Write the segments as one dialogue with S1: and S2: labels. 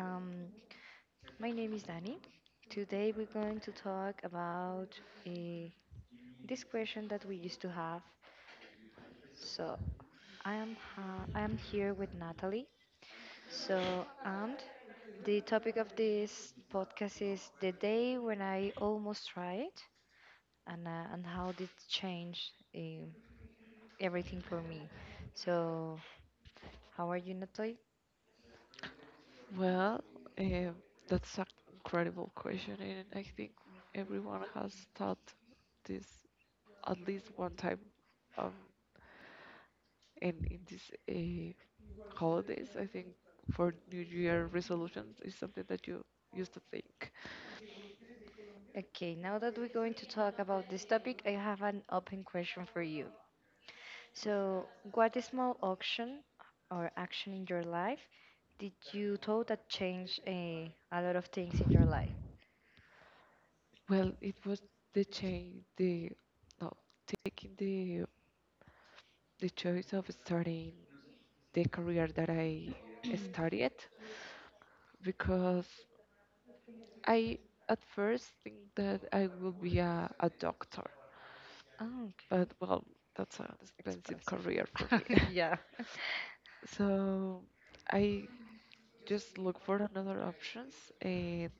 S1: My name is Dani. Today we're going to talk about uh, this question that we used to have. So I am here with Natalie. So and the topic of this podcast is the day when I almost tried and how did it change everything for me. So how are you, Natalie?
S2: Well, uh, that's an incredible question, and I think everyone has thought this at least one time. Um, and in these holidays, I think for New Year resolutions is something that you used to think.
S1: Okay, now that we're going to talk about this topic, I have an open question for you. So, what small action or action in your life did you thought that changed a lot of things in your life?
S2: Well, it was the change, the no, taking the choice of starting the career that I studied, because I at first think that I will be a doctor,
S1: Oh, okay.
S2: but well, that's an expensive
S1: Expensive.
S2: career for me.
S1: Yeah.
S2: So I just look for another options, and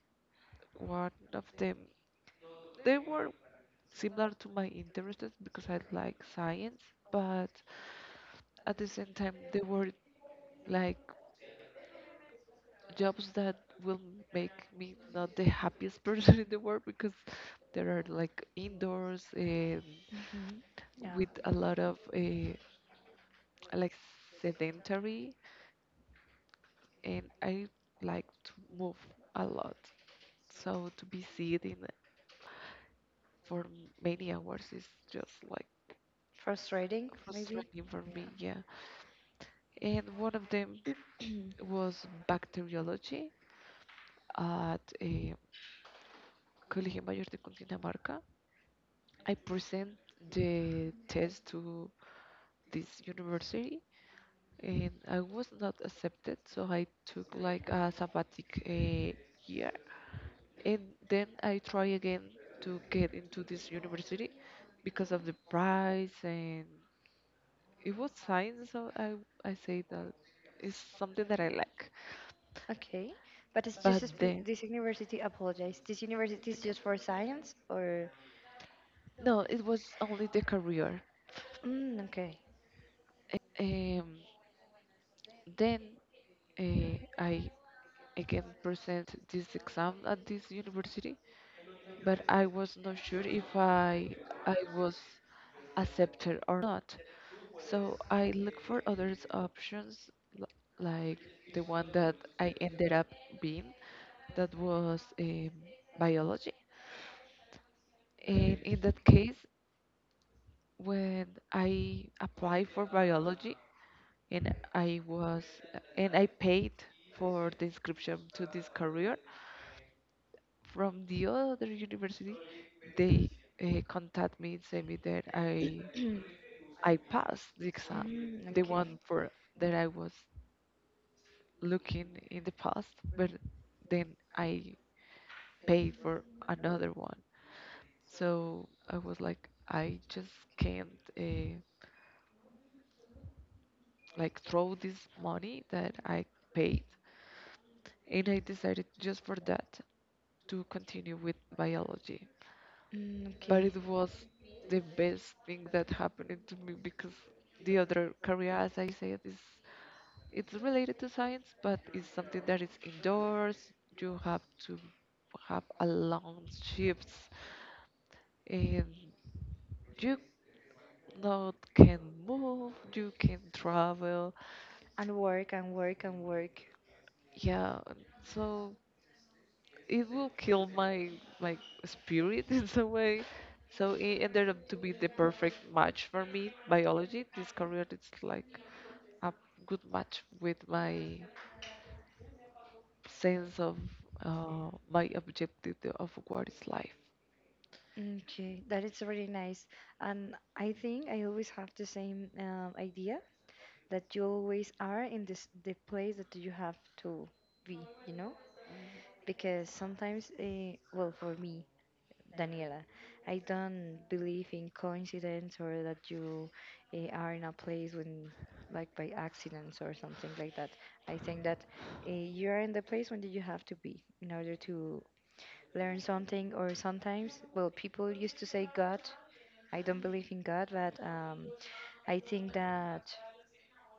S2: one of them they were similar to my interests because I like science, but at the same time they were like jobs that will make me not the happiest person in the world, because there are like indoors and
S1: Hmm. Yeah.
S2: with a lot of like sedentary, and I like to move a lot. So to be sitting for many hours is just like
S1: Frustrating, maybe.
S2: frustrating for me,
S1: Yeah.
S2: yeah. And one of them was bacteriology at a Colegio Mayor de Cundinamarca. I present the test to this university and I was not accepted, so I took like a sabbatic year, and then I try again to get into this university because of the price, and it was science, so I say that it's something that I like,
S1: Okay. But it's just
S2: but then
S1: this university, apologize. This university is just for science or?
S2: no, it was only the career,
S1: Mm, okay.
S2: um then I again present this exam at this university, but I was not sure if I was accepted or not. So I look for other options, l- like the one that I ended up being, that was biology. And in that case, when I applied for biology, and I was and I paid for the inscription to this career from the other university, they contact me and say me that I I passed the exam,
S1: Mm,
S2: the
S1: okay.
S2: one for that I was looking in the past, but then I paid for another one. So I was like, I just can't uh, like throw this money that I paid, and I decided just for that to continue with biology.
S1: Mm,
S2: But
S1: okay.
S2: it was the best thing that happened to me, because the other career, as I said, is it's related to science, but it's something that is indoors. You have to have a long shifts, and you not can move, you can travel.
S1: And work and work and work.
S2: Yeah, so it will kill my spirit in some way. So it ended up to be the perfect match for me. Biology, this career, it's like a good match with my sense of my objective of what is life.
S1: Okay, that is really nice. And I think I always have the same idea that you always are in this the place that you have to be, you know? Because sometimes, well, for me, Daniela, I don't believe in coincidence or that you are in a place when, like, by accidents or something like that. I think that you are in the place when you have to be in order to learn something. Or sometimes, well, people used to say God. I don't believe in God, but I think that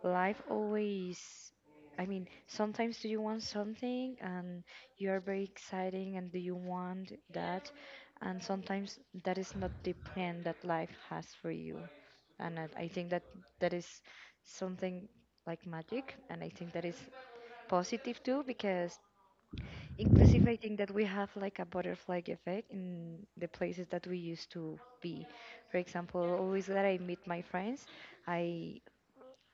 S1: life always, I mean, sometimes, do you want something and you are very exciting and do you want that, and sometimes that is not the plan that life has for you. And I think that that is something like magic, and I think that is positive too because inclusive, I think that we have like a butterfly effect in the places that we used to be. For example, always that I meet my friends, I,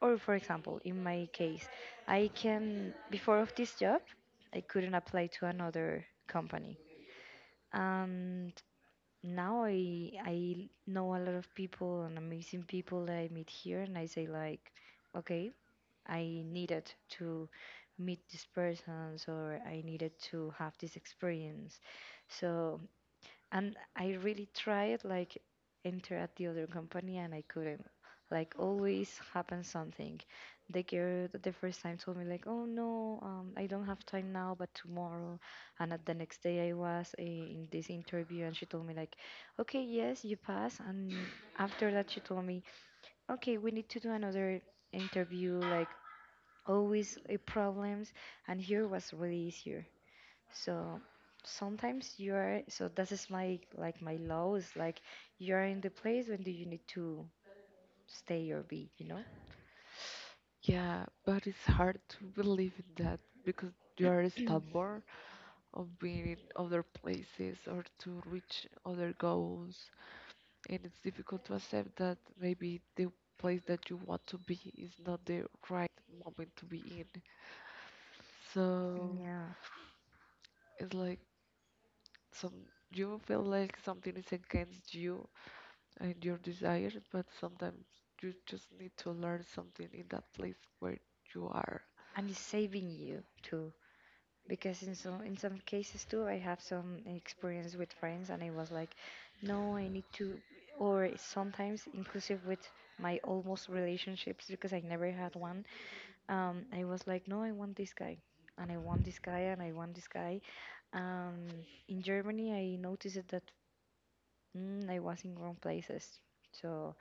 S1: or for example, in my case, I can, before of this job, I couldn't apply to another company. And now I know a lot of people and amazing people that I meet here, and I say like, okay, I needed to meet these persons or I needed to have this experience. So, and I really tried like enter at the other company and I couldn't. Like always happens something. The girl the first time told me like, "Oh no, I don't have time now, but tomorrow." And at the next day I was in this interview and she told me like, "Okay, yes, you pass." And after that she told me, "Okay, we need to do another interview." Like always a problems, and here was really easier. So sometimes you are so this is my like my law is like you're in the place when do you need to stay or be, you know?
S2: Yeah, but it's hard to believe in that, because you are stubborn of being in other places or to reach other goals. And it's difficult to accept that maybe the place that you want to be is not the right moment to be in. So
S1: Yeah.
S2: it's like, some you feel like something is against you and your desire, but sometimes you just need to learn something in that place where you are.
S1: And it's saving you too because in some cases too, I have some experience with friends and I was like, no, I need to. Or sometimes inclusive with my almost relationships because I never had one. I was like, no, I want this guy, and I want this guy, and I want this guy. In Germany, I noticed that I was in wrong places. So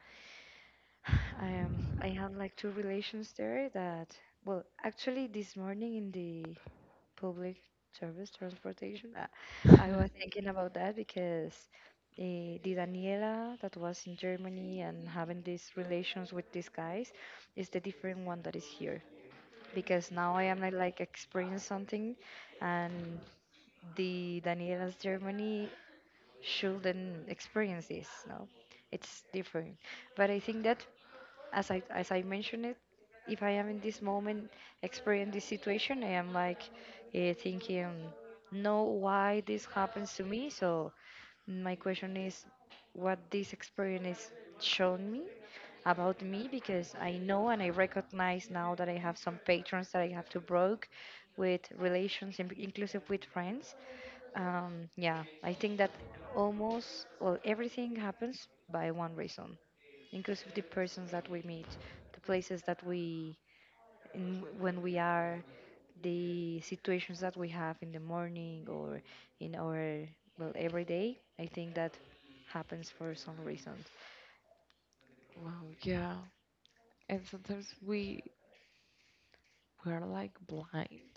S1: I had like two relations there that, well, actually this morning in the public service transportation, I was thinking about that because the Daniela that was in Germany and having these relations with these guys is the different one that is here, because now I am like experiencing something, and the Daniela's Germany shouldn't experience this. No, it's different. But I think that as I mentioned it, if I am in this moment experiencing this situation, I am like thinking, no, why this happens to me? So my question is, what this experience shown me about me? Because I know and I recognize now that I have some patrons that I have to broke with relations, inclusive with friends. Yeah, I think that almost well everything happens by one reason, inclusive the persons that we meet, the places that we in when we are, the situations that we have in the morning or in our well every day. I think that happens for some reasons.
S2: Wow, yeah. And sometimes we are like blind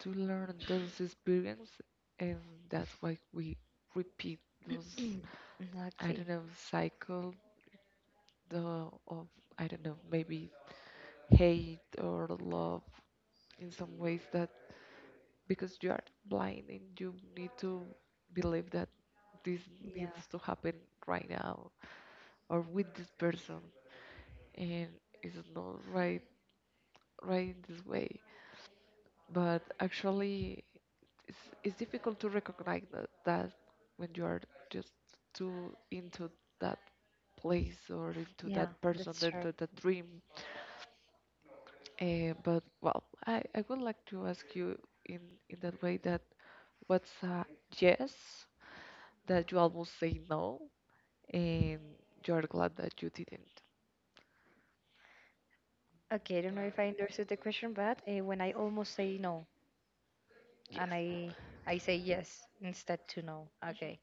S2: to learn those experience, and that's why we repeat those I
S1: Exactly.
S2: don't know cycle the of I don't know maybe hate or love in some ways, that because you are blind and you need to believe that this needs
S1: Yeah.
S2: to happen right now or with this person, and it's not right in this way, but actually, it's, it's difficult to recognize that when you are just too into that place or into that
S1: Yeah,
S2: person,
S1: that's true.
S2: into that dream. But well, I would like to ask you in in that way, that what's a yes that you almost say no and you're glad that you didn't?
S1: Okay, I don't know if I understood the question, but when I almost say no and I say yes instead to no.
S2: Mhm.
S1: Okay.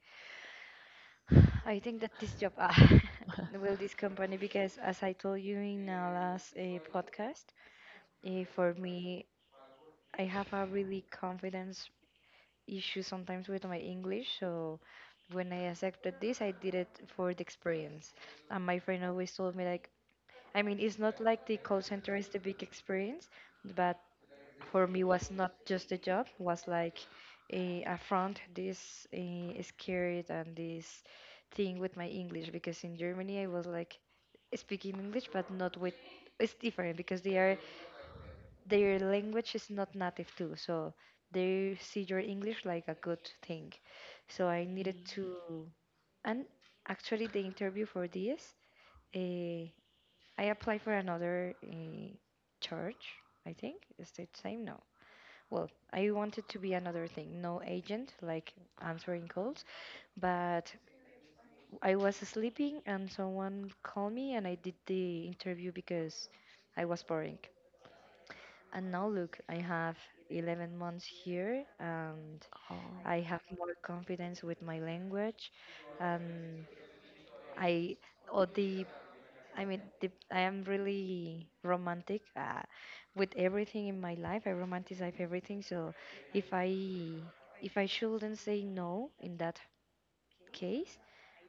S1: I think that this job will this company because, as I told you in our last podcast, for me, I have a really confidence issue sometimes with my English. So when I accepted this, I did it for the experience. And my friend always told me like, I mean, it's not like the call center is the big experience, but for me was not just a job, was like a affront, this scared and this thing with my English because in Germany I was like speaking English, but not with. It's different because they are their language is not native too, so they see your English like a good thing. So I needed
S2: Mm.
S1: to, and actually the interview for this. uh, I applied for another church, I think. Is it same? No. Well, I wanted to be another thing, no agent, like answering calls, but I was sleeping and someone called me and I did the interview because I was boring. And now look, I have 11 months here and
S2: Oh,
S1: I have more confidence with my language and I all the I mean, I am really romantic with everything in my life. I romanticize everything. So if I if I shouldn't say no in that case,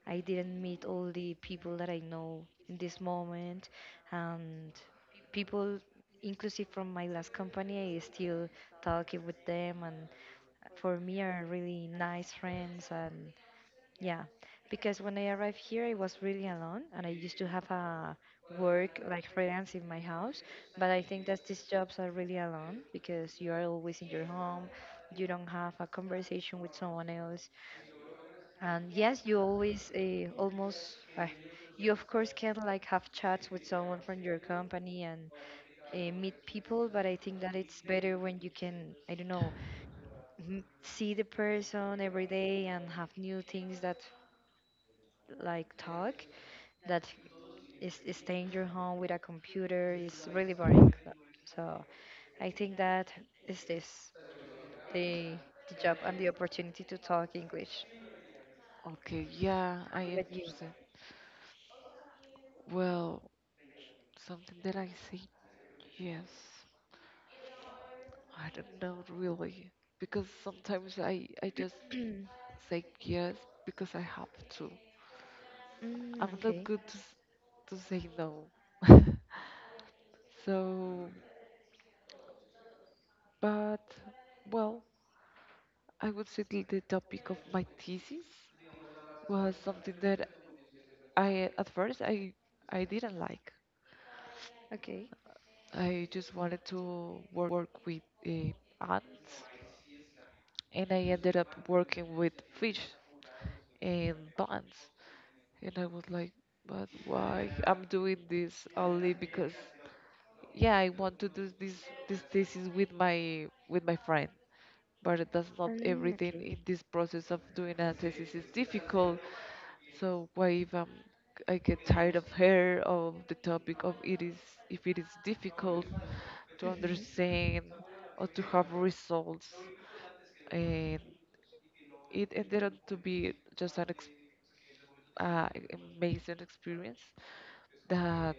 S1: I didn't meet all the people that I know in this moment, and people, inclusive from my last company, I still talking with them, and for me are really nice friends. And yeah, because when I arrived here, I was really alone, and I used to have a work like freelance in my house. But I think that these jobs are really alone because you are always in your home, you don't have a conversation with someone else, and yes, you always almost you of course can like have chats with someone from your company and meet people. But I think that it's better when you can I don't know see the person every day and have new things that like talk that is staying your home with a computer is really boring. So I think that is this the, the job and the opportunity to talk English.
S2: okay, yeah,
S1: How
S2: I
S1: about you?
S2: understand. Well, something that I say yes. I don't know really, because sometimes I just say yes because I have to.
S1: Mm,
S2: I'm not
S1: okay,
S2: good to to say no. So, but well, I would say that the topic of my thesis was something that I at first I didn't like.
S1: okay,
S2: I just wanted to work with ants, and I ended up working with fish and plants. And I was like, but why I'm doing this, only because yeah, I want to do this this thesis with my friend. But that's not
S1: mm,
S2: everything
S1: okay.
S2: in this process of doing a thesis is difficult. So why if I'm I get tired of the topic of it, is if it is difficult to
S1: Hmm.
S2: understand or to have results. And it ended up to be just an amazing experience that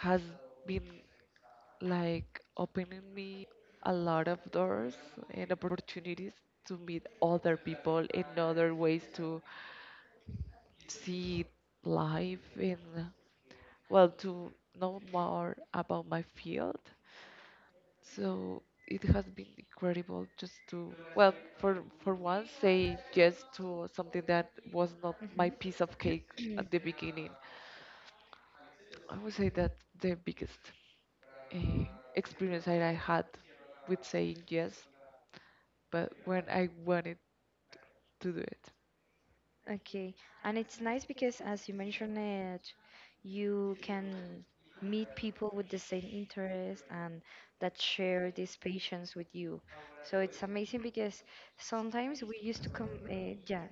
S2: has been like opening me a lot of doors and opportunities to meet other people and other ways to see life, and well, to know more about my field. So it has been incredible, just to, well, for once, say yes to something that was not my piece of cake
S1: Hmm.
S2: at the beginning. I would say that the biggest uh, experience that I had with saying yes, but when I wanted to do it.
S1: Okay, and it's nice because, as you mentioned it, you can meet people with the same interest and that share these passions with you. So it's amazing because sometimes we used to come, yeah,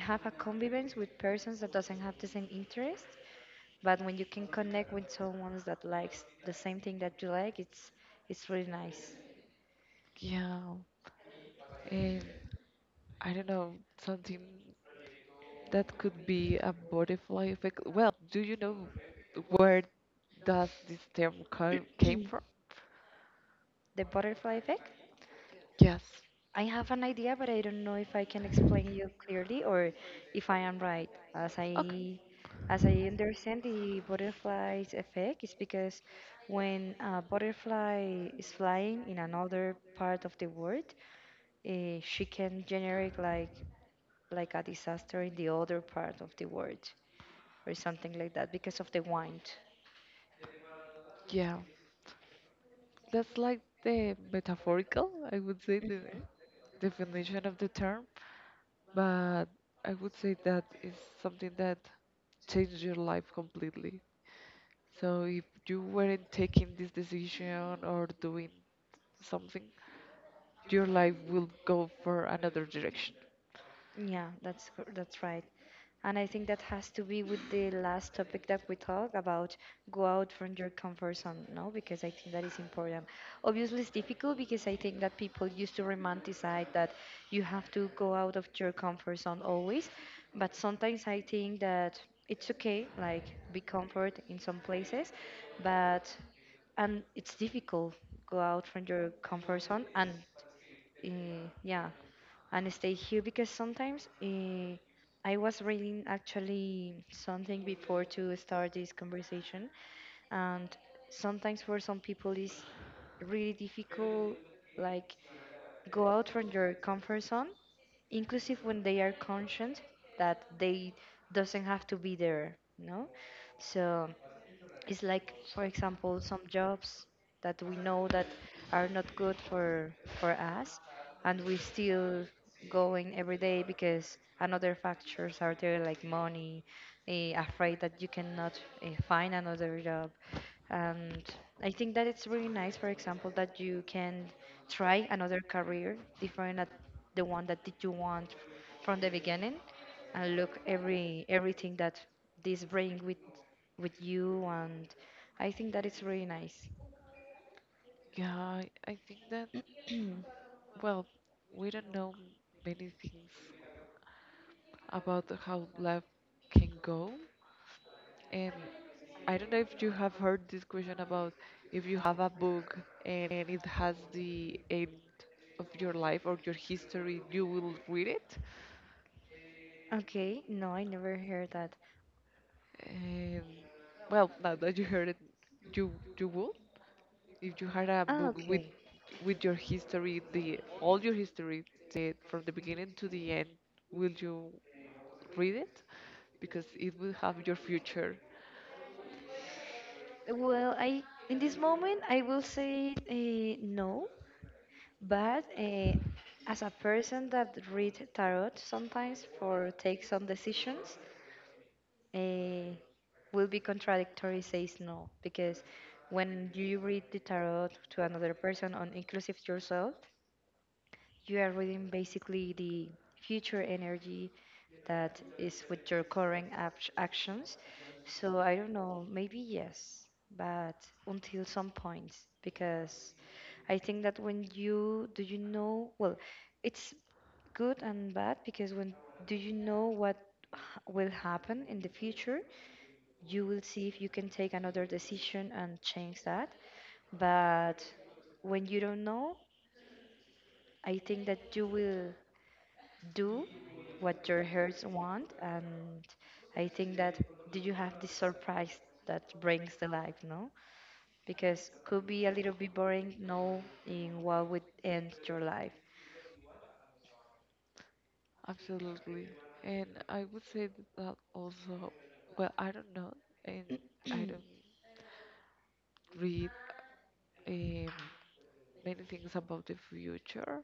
S1: have a convivence with persons that doesn't have the same interest, but when you can connect with someone that likes the same thing that you like, it's really nice.
S2: Yeah, and I don't know, something that could be a butterfly effect. Well, do you know where does this term came from?
S1: The butterfly effect.
S2: Yes.
S1: I have an idea, but I don't know if I can explain you clearly or if I am right. As
S2: Okay.
S1: I as I understand the butterfly's effect is because when a butterfly is flying in another part of the world, she can generate like a disaster in the other part of the world or something like that because of the wind.
S2: Yeah, that's like the metaphorical, I would say, the
S1: Mhm.
S2: definition of the term, but I would say that is something that changed your life completely. So if you weren't taking this decision or doing something, your life will go for another direction.
S1: Yeah, that's right. And I think that has to be with the last topic that we talk about, go out from your comfort zone, no? Because I think that is important. Obviously, it's difficult because I think that people used to romanticize that you have to go out of your comfort zone always. But sometimes I think that it's okay, like be comfort in some places, but and it's difficult go out from your comfort zone and yeah and stay here because sometimes I was reading actually something before to start this conversation, and sometimes for some people it's really difficult like go out from your comfort zone, inclusive when they are conscient that they doesn't have to be there, no? So it's like, for example, some jobs that we know that are not good for us, and we still going every day because another factors are there like money, afraid that you cannot find another job. And I think that it's really nice, for example, that you can try another career different at the one that did you want from the beginning, and look everything that this bring with you. And I think that it's really nice.
S2: Yeah, I think that, well, we don't know many things about how life can go. And I don't know if you have heard this question about, if you have a book and it has the end of your life or your history, you will read it.
S1: Okay, no, I never heard that.
S2: And well, now that you heard it, you you will. If you had a
S1: Ah,
S2: book with
S1: okay.
S2: with your history, the all your history, the from the beginning to the end, will you read it? Because it will have your future.
S1: Well, I in this moment I will say no. But as a person that read tarot sometimes for take some decisions, uh, will be contradictory says no because when you read the tarot to another person on inclusive yourself, you are reading basically the future energy that is with your current actions. So I don't know, maybe yes, but until some points because I think that when you do you know well, it's good and bad because when do you know what h- will happen in the future, you will see if you can take another decision and change that. But when you don't know, I think that you will do what your hearts want, and I think that do you have this surprise that brings the life, no? Because could be a little bit boring, know in what would end your life.
S2: Absolutely. And I would say that that also, well, I don't know, and I don't read um, many things about the future,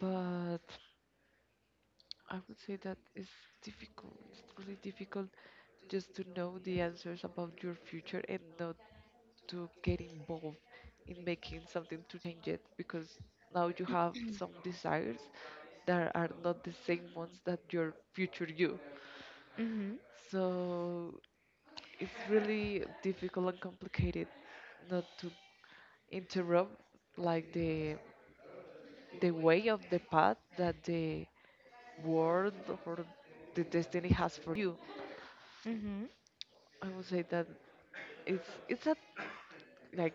S2: but I would say that it's difficult. It's really difficult just to know the answers about your future and not to get involved in making something to change it, because now you have some desires that are not the same ones that your future you.
S1: Mm-hmm.
S2: So it's really difficult and complicated not to interrupt like the way of the path that the world or the destiny has for you.
S1: Mm-hmm.
S2: I would say that it's a like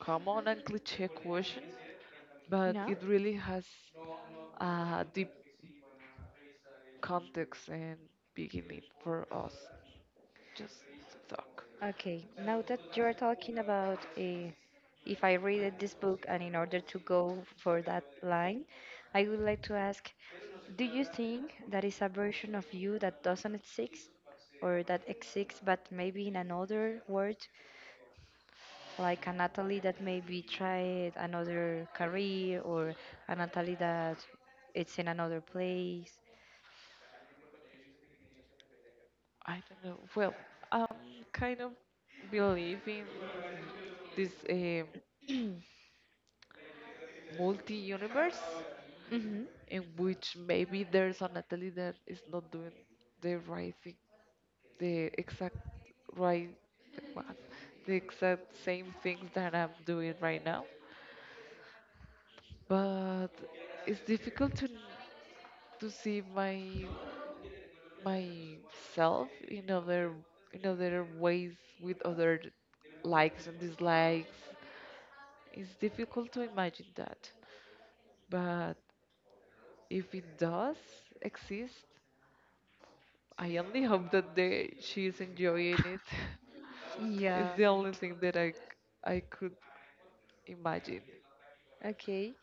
S2: common and cliche question, but
S1: No?
S2: it really has a deep context and beginning for us. Just talk.
S1: Okay. Now that you're talking about if I read this book and in order to go for that line, I would like to ask, do you think that is a version of you that doesn't exist or that exists but maybe in another world, like a Natalie that maybe tried another career or a Natalie that it's in another place?
S2: I don't know. Well, I'm kind of believe in this multi-universe
S1: Mm-hmm.
S2: in which maybe there's an athlete that is not doing the right thing, the exact right, what, the exact same things that I'm doing right now. But it's difficult to see my myself in other ways with other likes and dislikes. It's difficult to imagine that. But if it does exist, I only hope that they, she's enjoying it. It's the only thing that I could imagine.
S1: Okay.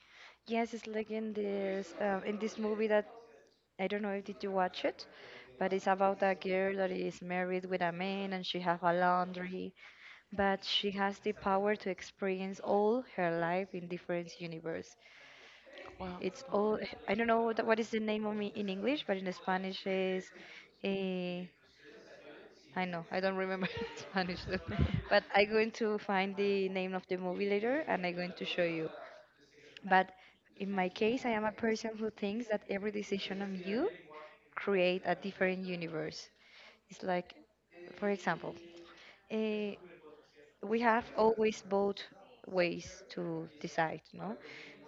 S1: Yes, it's like in this movie that I don't know if did you watch it, but it's about a girl that is married with a man and she have a laundry, but she has the power to experience all her life in different universe.
S2: Well,
S1: It's all I don't know what is the name of me in English, but in Spanish is eh, I know I don't remember in Spanish, but I'm going to find the name of the movie later and I'm going to show you. But in my case, I am a person who thinks that every decision of you create a different universe. It's like, for example, uh, we have always both ways to decide, no?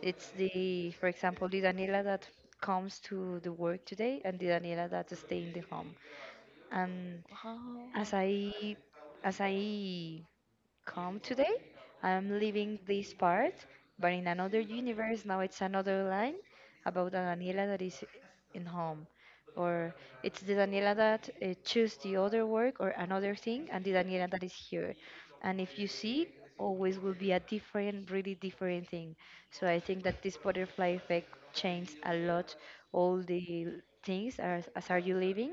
S1: It's the, for example, the Daniela that comes to the work today and the Daniela that stay in the home. And
S2: oh,
S1: as I, as I come today. I'm leaving this part, but in another universe, now it's another line about a Daniela that is in home. Or it's the Daniela that choose the other work or another thing, and the Daniela that is here. And if you see, always will be a different, really different thing. So I think that this butterfly effect changes a lot all the things as are you living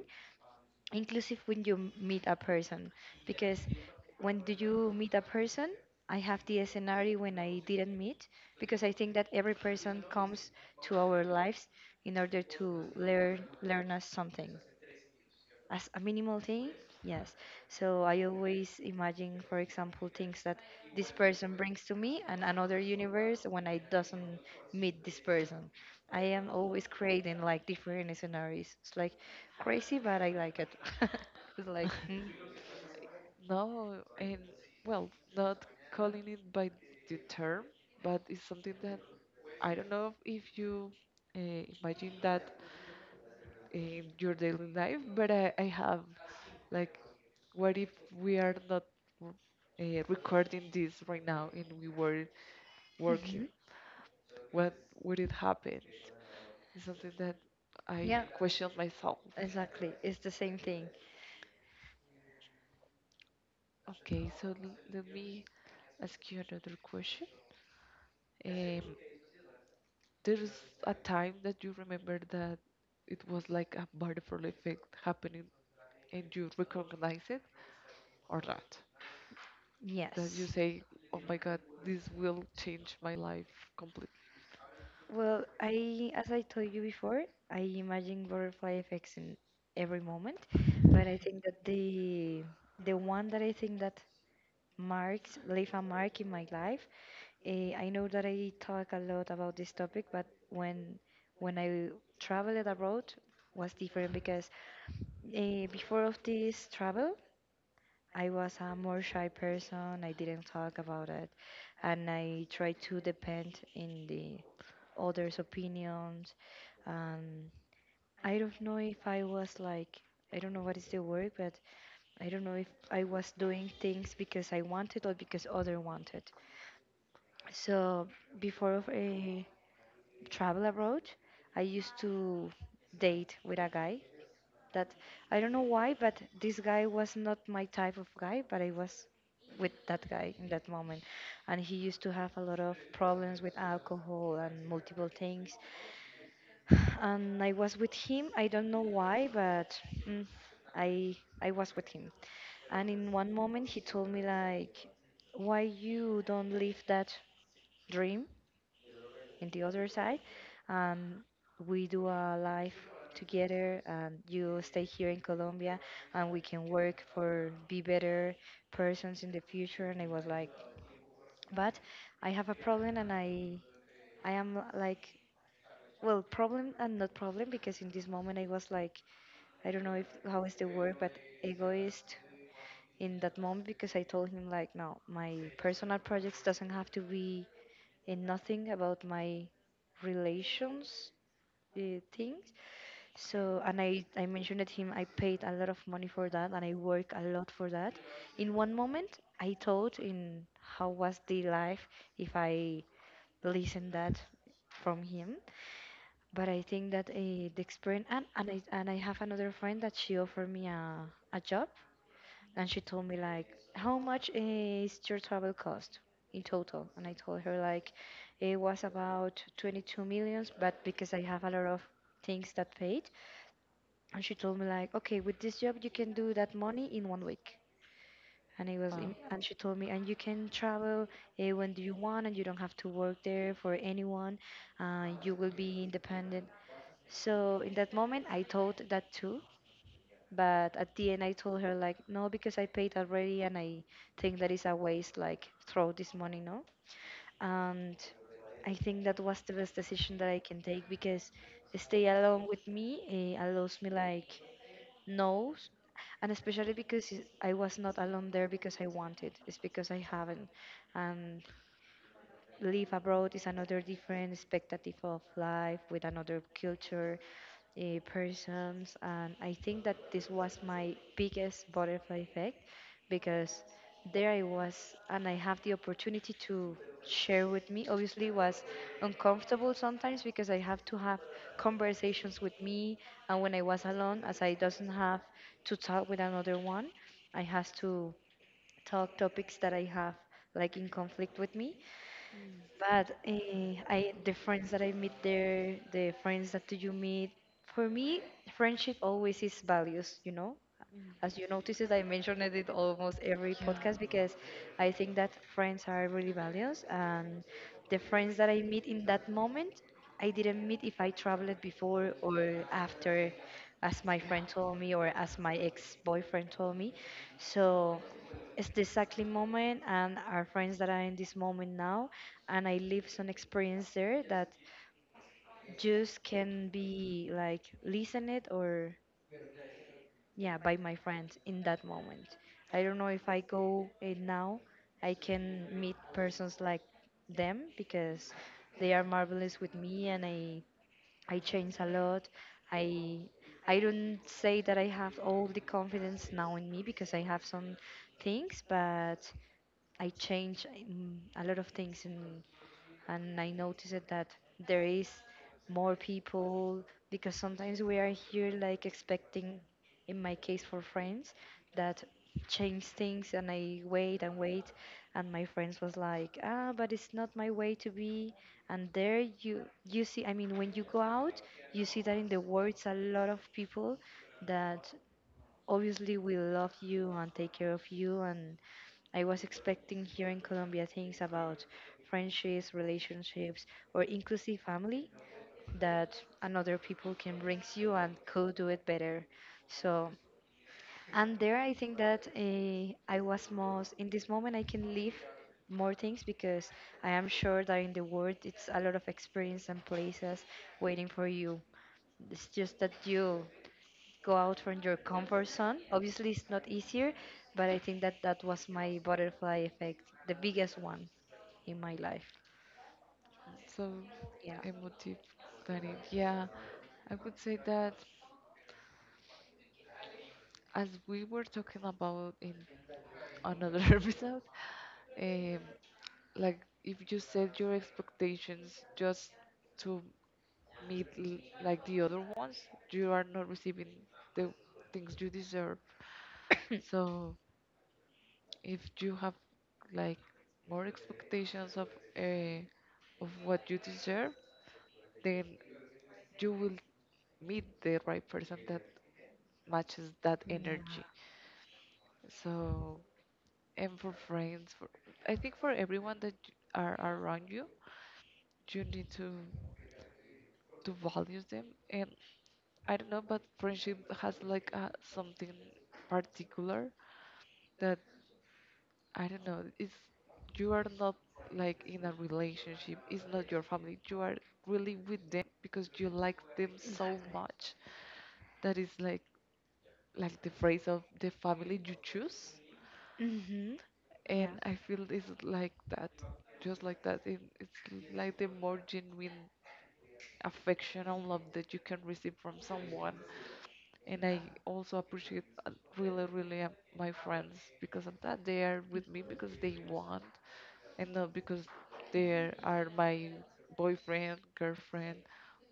S1: inclusive when you meet a person, because when do you meet a person, I have the scenario when I didn't meet, because I think that every person comes to our lives in order to learn us something as a minimal thing. Yes, so I always imagine for example things that this person brings to me and another universe when I doesn't meet this person. I am always creating like different scenarios. It's like crazy but I like it. It's like
S2: no, and well, not calling it by the term, but it's something that I don't know if you imagine that in your daily life, but I have like, what if we are not recording this right now and we were working?
S1: Mhm.
S2: What would it happen? It's something that I
S1: Yeah,
S2: question myself.
S1: exactly, it's the same thing.
S2: Okay, so let me ask you another question. Um, there's a time that you remember that it was like a butterfly effect happening, and you recognize it or not? That you
S1: Yes.
S2: say, oh my God, this will change my life completely.
S1: Well, I, as I told you before, I imagine butterfly effects in every moment, but I think that the one that I think that marks leave a mark in my life. I know that I talk a lot about this topic, but when I traveled abroad was different because before of this travel, I was a more shy person. I didn't talk about it, and I tried to depend in the others' opinions. Um, I don't know if I was like I don't know what is the word, but I don't know if I was doing things because I wanted or because other wanted. So before of a travel abroad, I used to date with a guy that I don't know why, but this guy was not my type of guy, but I was with that guy in that moment. And he used to have a lot of problems with alcohol and multiple things. And I was with him. I don't know why, but mm, I was with him. And in one moment, he told me like, "Why you don't leave that dream in the other side and we do a life together and you stay here in Colombia and we can work for be better persons in the future?" And I was like, but I have a problem, and I am like, well, problem and not problem, because in this moment I was like I don't know if how is the word but egoist in that moment because I told him like, no, my personal projects doesn't have to be and nothing about my relations uh, things. So, and I mentioned to him I paid a lot of money for that and I work a lot for that. In one moment, I thought in how was the life if I listened that from him. But I think that the experience and I have another friend that she offered me a job, and she told me like, how much is your travel cost in total? And I told her like, it was about 22 millions but because I have a lot of things that paid. And she told me like, okay, with this job you can do that money in one week. And it was
S2: Wow.
S1: and she told me, and you can travel when do you want, and you don't have to work there for anyone. You will be independent. So in that moment I thought that too, but at the end, I told her like, no, because I paid already, and I think that is a waste. Like, throw this money, no. And I think that was the best decision that I can take because stay alone with me allows me like knows, and especially because I was not alone there because I wanted. It's because I haven't, and live abroad is another different expectative of life with another culture persons. And I think that this was my biggest butterfly effect because there I was and I have the opportunity to share with me. Obviously it was uncomfortable sometimes because I have to have conversations with me, and when I was alone as I doesn't have to talk with another one, I has to talk topics that I have like in conflict with me.
S2: Mm,
S1: But I the friends that I meet there, the friends that you meet, for me, friendship always is values, you know.
S2: mm.
S1: As you noticed, I mentioned it in almost every
S2: Yeah.
S1: podcast because I think that friends are really values, and the friends that I meet in that moment, I didn't meet if I traveled before or after, as my friend told me or as my ex-boyfriend told me. So it's the exactly moment, and our friends that are in this moment now, and I live some experience there that just can be like listened or yeah by my friends in that moment. I don't know if I go now I can meet persons like them because they are marvelous with me, and I change a lot. I i don't say that I have all the confidence now in me because I have some things, but I change a lot of things, and I noticed it that there is more people because sometimes we are here like expecting in my case for friends that change things, and I wait and wait, and my friends was like, ah, but it's not my way to be, and there you see, I mean, when you go out you see that in the world a lot of people that obviously will love you and take care of you. And I was expecting here in Colombia things about friendships, relationships, or inclusive family, that another people can bring you and could do it better. So, and there I think that I was most in this moment I can live more things because I am sure that in the world it's a lot of experience and places waiting for you. It's just that you go out from your comfort zone. Obviously, it's not easier, but I think that that was my butterfly effect, the biggest one in my life.
S2: So
S1: Yeah.
S2: emotive, Danny. Yeah, I would say that, as we were talking about in another episode. Um, like if you set your expectations just to meet like the other ones, you are not receiving the things you deserve. So if you have like more expectations uh, of what you deserve, then you will meet the right person that matches that
S1: Yeah.
S2: energy. So, and for friends, for I think for everyone that are around you, you need to value them, and I don't know, but friendship has like a something particular that I don't know, it's you are not like in a relationship, it's not your family, you are really with them because you like them so
S1: Exactly.
S2: much, that is like the phrase of the family you choose.
S1: Mm-hmm.
S2: And
S1: Yeah.
S2: I feel it's like that, just like that. It's like the more genuine affection and love that you can receive from someone. And I also appreciate really, really my friends because of that. They are with me because they want, and not because they are my boyfriend, girlfriend,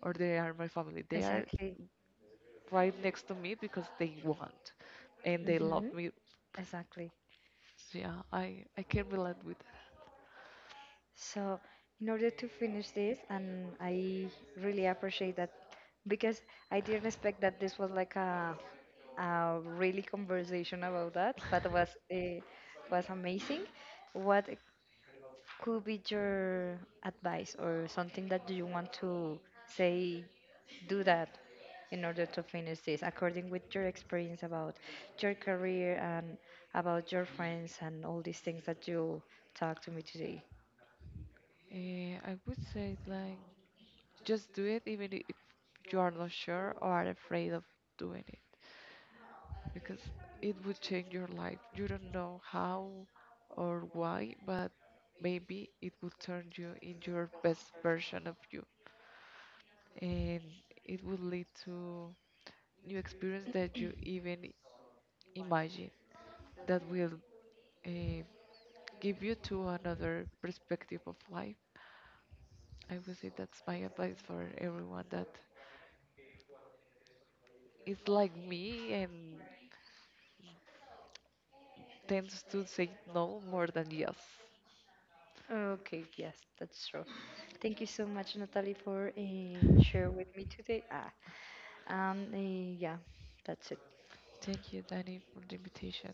S2: or they are my family. They are
S1: Exactly.
S2: right next to me because they want, and they love
S1: Mm-hmm.
S2: me.
S1: Exactly.
S2: So, yeah, I can relate with
S1: So, in order to finish this, and I really appreciate that because I didn't expect that this was like a really conversation about that, but was amazing. What could be your advice or something that you want to say do that in order to finish this according with your experience about your career and about your friends and all these things that you talked to me today?
S2: that. I would say, like, just do it, even if you are not sure or are afraid of doing it, because it would change your life. You don't know how or why, but maybe it would turn you into your best version of you, and it would lead to new experience that you even imagine that will uh, give you to another perspective of life. I would say that's my advice for everyone that is like me and tends to say no more than yes.
S1: Okay. Yes, that's true. Thank you so much, Natalie, for share with me today. Yeah, that's it.
S2: Thank you, Danny, for the invitation.